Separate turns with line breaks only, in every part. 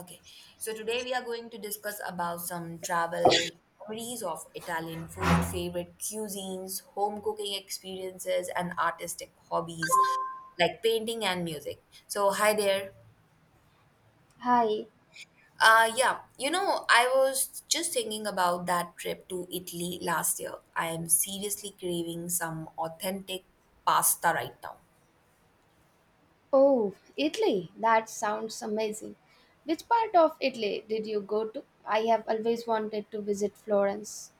Okay, so today we are going to discuss about some travel memories of Italian food, favorite cuisines, home cooking experiences, and artistic hobbies like painting and music. So, hi there.
Hi.
Yeah, you know, I was just thinking about that trip to Italy last year. I am seriously craving some authentic pasta right now.
Oh, Italy. That sounds amazing. Which part of Italy did you go to? I have always wanted to visit Florence.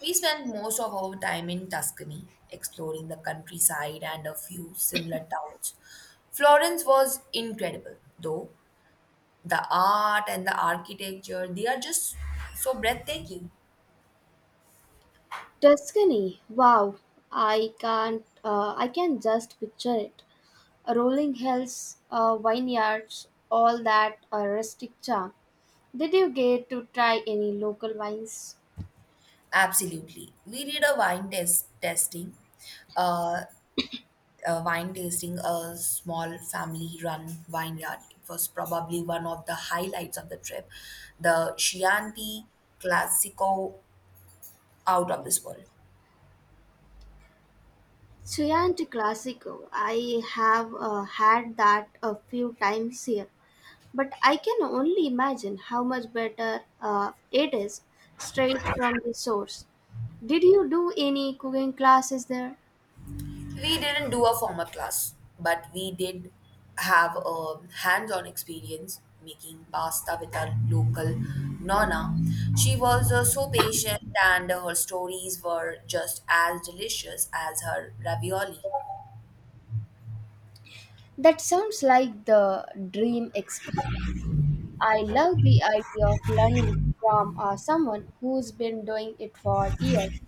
We spent most of our time in Tuscany, exploring the countryside and a few similar towns. Florence was incredible, though. The art and the architecture, they are just so breathtaking.
Tuscany. Wow. I can't I can just picture it. Rolling hills, vineyards, all that rustic charm. Did you get to try any local wines?
Absolutely. We did a wine test tasting, uh, a wine tasting, a small family-run vineyard. It was probably one of the highlights of the trip. The Chianti Classico out of this world.
Chianti Classico. I have had that a few times here. But I can only imagine how much better it is straight from the source. Did you do any cooking classes there?
We didn't do a formal class, but we did have a hands on experience making pasta with our local nonna. She was so patient, and her stories were just as delicious as her ravioli.
That sounds like the dream experience. I love the idea of learning from someone who's been doing it for years.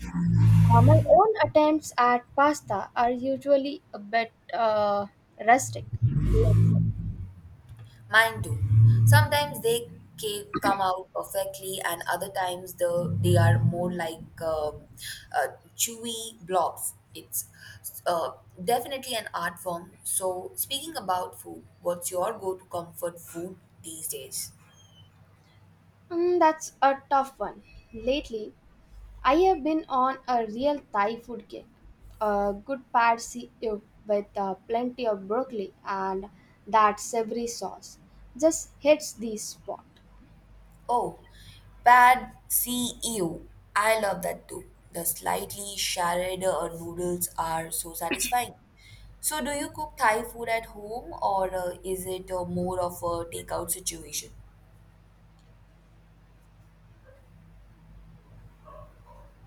My own attempts at pasta are usually a bit rustic, let's say.
Mine too. Sometimes they come out perfectly, and other times they are more like uh, chewy blobs. It's uh, definitely an art form. So, speaking about food, what's your go-to comfort food these days?
Mm, that's a tough one. Lately, I have been on a real Thai food kick. A good pad see ew with plenty of broccoli and that savory sauce just hits the spot.
Oh, Pad See Ew. I love that too. The slightly shredded noodles are so satisfying. So, do you cook Thai food at home or is it more of a takeout situation?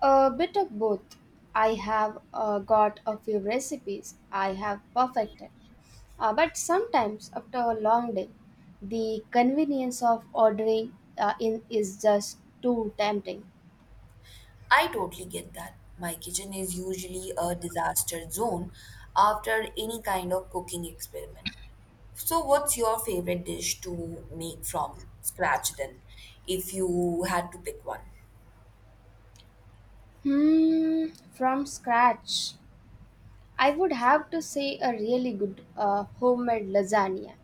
A bit of both. I have got a few recipes I have perfected. But sometimes after a long day, the convenience of ordering in is just too tempting.
I totally get that. My kitchen is usually a disaster zone after any kind of cooking experiment. So, what's your favorite dish to make from scratch then, if you had to pick one?
Hmm, from scratch. I would have to say a really good homemade lasagna.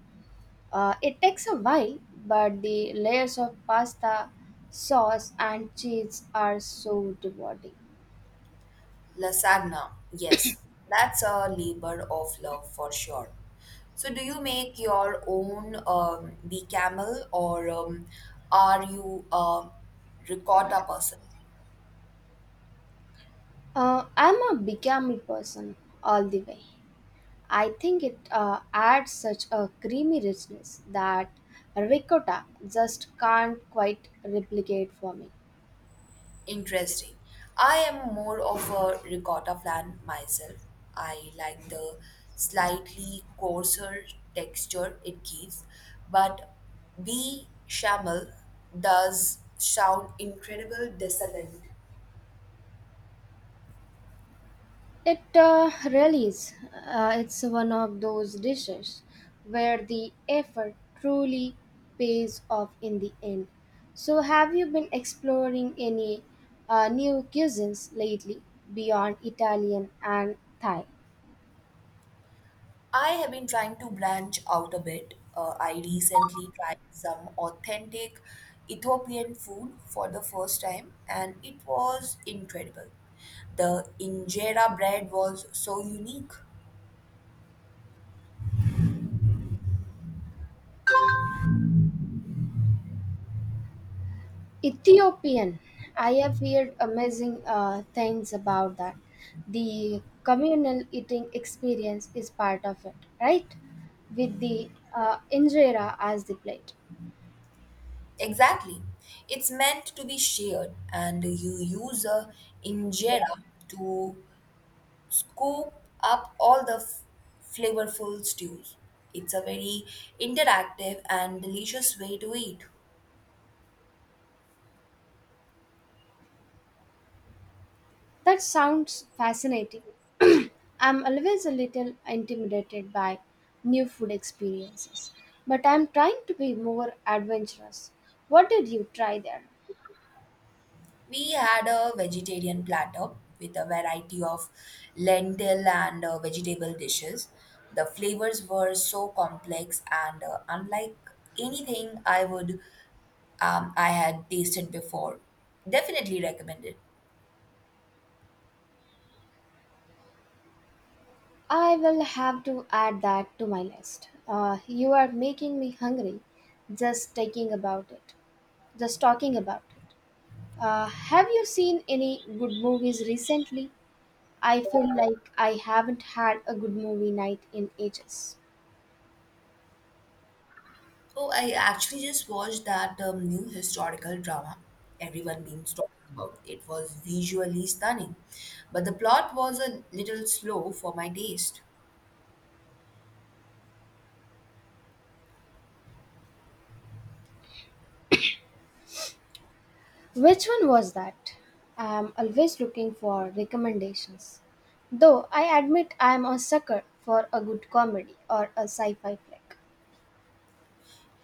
It takes a while, but the layers of pasta, sauce, and cheese are so rewarding.
Lasagna, yes, that's a labor of love for sure. So, do you make your own bechamel or are you a ricotta person?
I'm a bigami person all the way. I think it adds such a creamy richness that ricotta just can't quite replicate for me.
Interesting. I am more of a ricotta fan myself. I like the slightly coarser texture it gives, but bechamel does sound incredible decadent.
It really is. It's one of those dishes where the effort truly pays off in the end. So, have you been exploring any new cuisines lately beyond Italian and Thai?
I have been trying to branch out a bit. I recently tried some authentic Ethiopian food for the first time, and it was incredible. The injera bread was so unique.
Ethiopian. I have heard amazing things about that. The communal eating experience is part of it, right? With the injera as the plate.
Exactly. It's meant to be shared, and you use a injera to scoop up all the flavorful stews. It's a very interactive and delicious way to eat.
That sounds fascinating. I'm always a little intimidated by new food experiences, but I'm trying to be more adventurous. What did you try there?
We had a vegetarian platter with a variety of lentil and vegetable dishes. The flavors were so complex and unlike anything I would I had tasted before. Definitely recommend it.
I will have to add that to my list. You are making me hungry just thinking about it. Just talking about it. Have you seen any good movies recently? I feel like I haven't had a good movie night in ages.
Oh, I actually just watched that new historical drama everyone means talking about. It was visually stunning, but the plot was a little slow for my taste.
Which one was that? I am always looking for recommendations. Though I admit I am a sucker for a good comedy or a sci fi flick.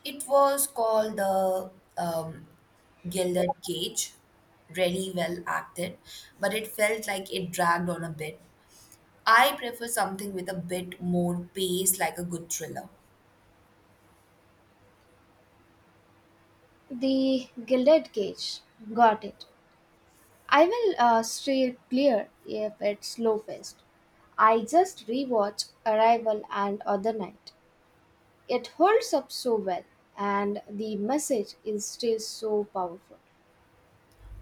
It was called the um, Gilded Cage, really well acted, but it felt like it dragged on a bit. I prefer something with a bit more pace, like a good thriller.
The Gilded Cage. Got it. I will steer clear if it's slow paced. I just rewatched Arrival and Other Night. It holds up so well, and the message is still so powerful.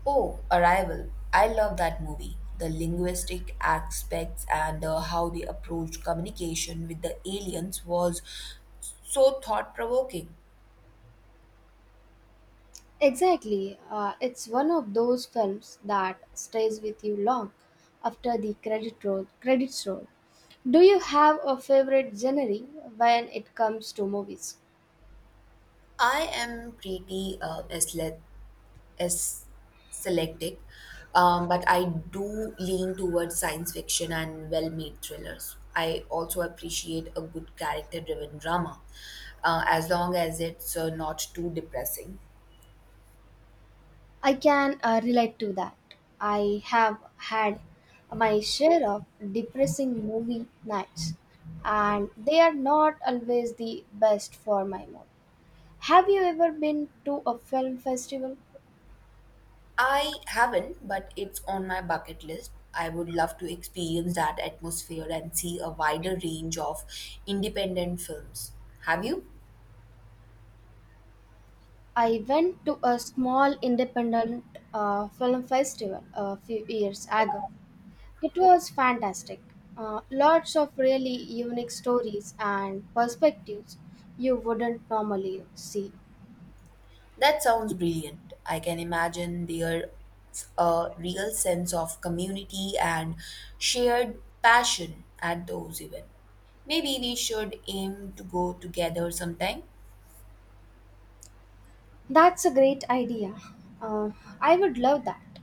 Oh, Arrival. I love that movie. The linguistic aspects and how they approached communication with the aliens was so thought provoking.
Exactly. It's one of those films that stays with you long after the credits roll. Do you have a favorite genre when it comes to movies?
I am pretty asle- is selecting, but I do lean towards science fiction and well made thrillers. I also appreciate a good character driven drama, as long as it's not too depressing.
I can relate to that. I have had my share of depressing movie nights, and they are not always the best for my mood. Have you ever been to a film festival?
I haven't, but it's on my bucket list. I would love to experience that atmosphere and see a wider range of independent films. Have you?
I went to a small independent film festival a few years ago. It was fantastic. Lots of really unique stories and perspectives you wouldn't normally see.
That sounds brilliant. I can imagine there's a real sense of community and shared passion at those events. Maybe we should aim to go together sometime.
That's a great idea. Uh, I would love that.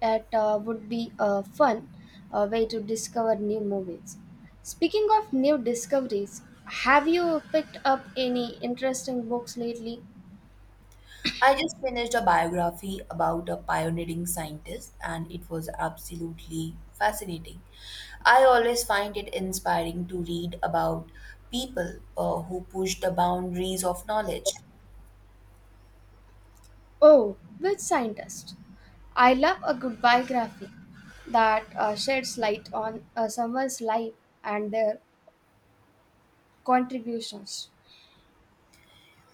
It would be a fun way to discover new movies. Speaking of new discoveries, have you picked up any interesting books lately?
I just finished a biography about a pioneering scientist and it was absolutely fascinating. I always find it inspiring to read about people who push the boundaries of knowledge.
Oh, which scientist? I love a good biography that sheds light on someone's life and their contributions.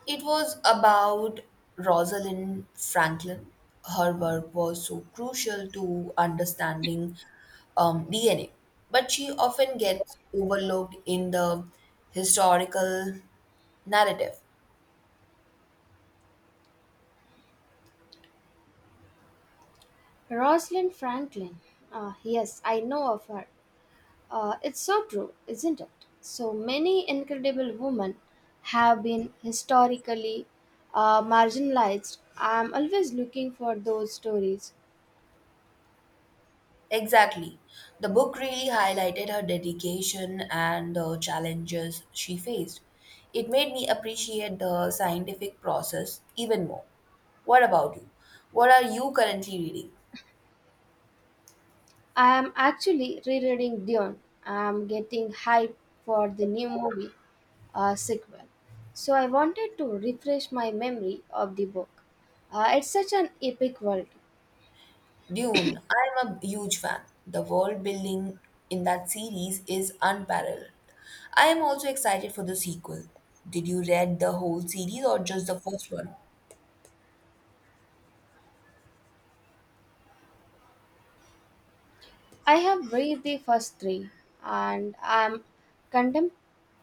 It was about Rosalind Franklin. Her work was so crucial to understanding DNA, but she often gets overlooked in the historical narrative.
Rosalind Franklin. Yes, I know of her. It's so true, isn't it? So many incredible women have been historically marginalized. I'm always looking for those stories.
Exactly. The book really highlighted her dedication and the challenges she faced. It made me appreciate the scientific process even more. What about you? What are you currently reading?
I am actually rereading Dune. I am getting hyped for the new movie sequel. So I wanted to refresh my memory of the book. It's such an epic world.
Dune, I'm a huge fan. The world building in that series is unparalleled. I am also excited for the sequel. Did you read the whole series or just the first one?
I have read the first three, and contem-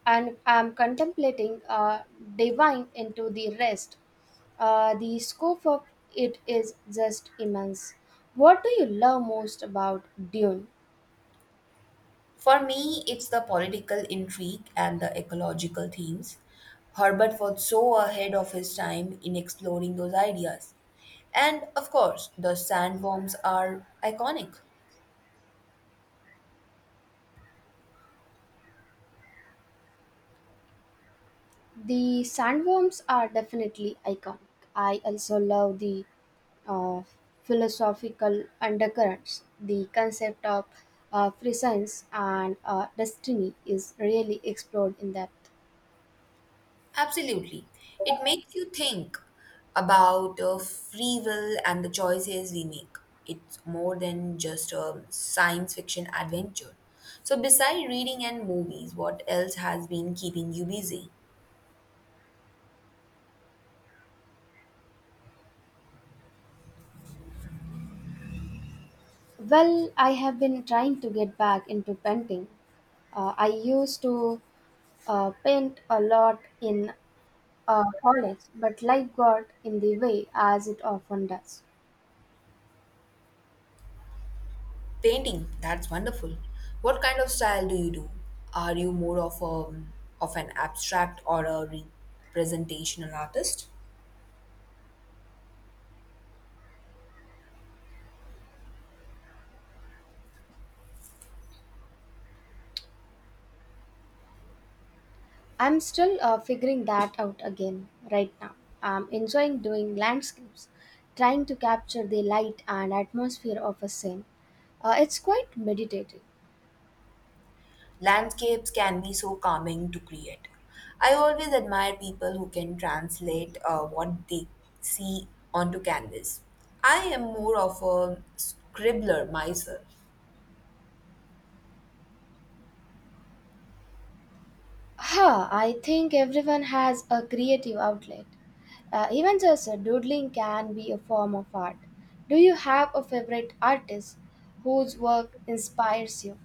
I'm contemplating divine into the rest. The scope of it is just immense. What do you love most about Dune?
For me, it's the political intrigue and the ecological themes. Herbert was so ahead of his time in exploring those ideas. And of course, the sandworms are iconic.
The sandworms are definitely iconic. I also love the uh, philosophical undercurrents. The concept of free science and destiny is really explored in depth.
Absolutely. It makes you think about free will and the choices we make. It's more than just a science fiction adventure. So, besides reading and movies, what else has been keeping you busy?
Well, I have been trying to get back into painting. I used to paint a lot in college, but life got in the way as it often does.
Painting, that's wonderful. What kind of style do you do? Are you more of a of an abstract or a representational artist?
I'm still figuring that out again right now. I'm enjoying doing landscapes, trying to capture the light and atmosphere of a scene. It's quite meditative.
Landscapes can be so calming to create. I always admire people who can translate what they see onto canvas. I am more of a scribbler myself.
Huh, I think everyone has a creative outlet. Even just doodling can be a form of art. Do you have a favorite artist whose work inspires you?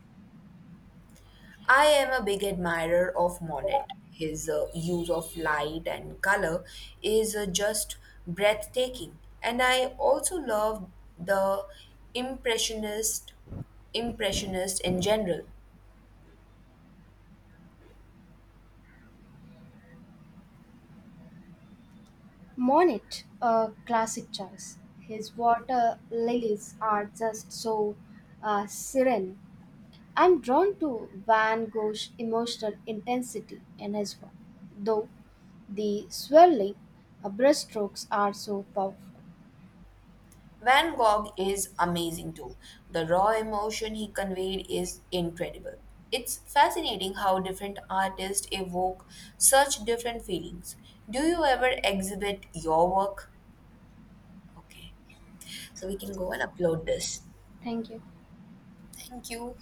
I am a big admirer of Monet. His use of light and color is just breathtaking. And I also love the impressionist impressionist in general.
Monet, a classic choice. His water lilies are just so serene. I'm drawn to Van Gogh's emotional intensity in his work, though the swirling brushstrokes are so powerful.
Van Gogh is amazing too. The raw emotion he conveyed is incredible. It's fascinating how different artists evoke such different feelings. Do you ever exhibit your work? Okay, so we can go and upload this.
Thank you.
Thank you.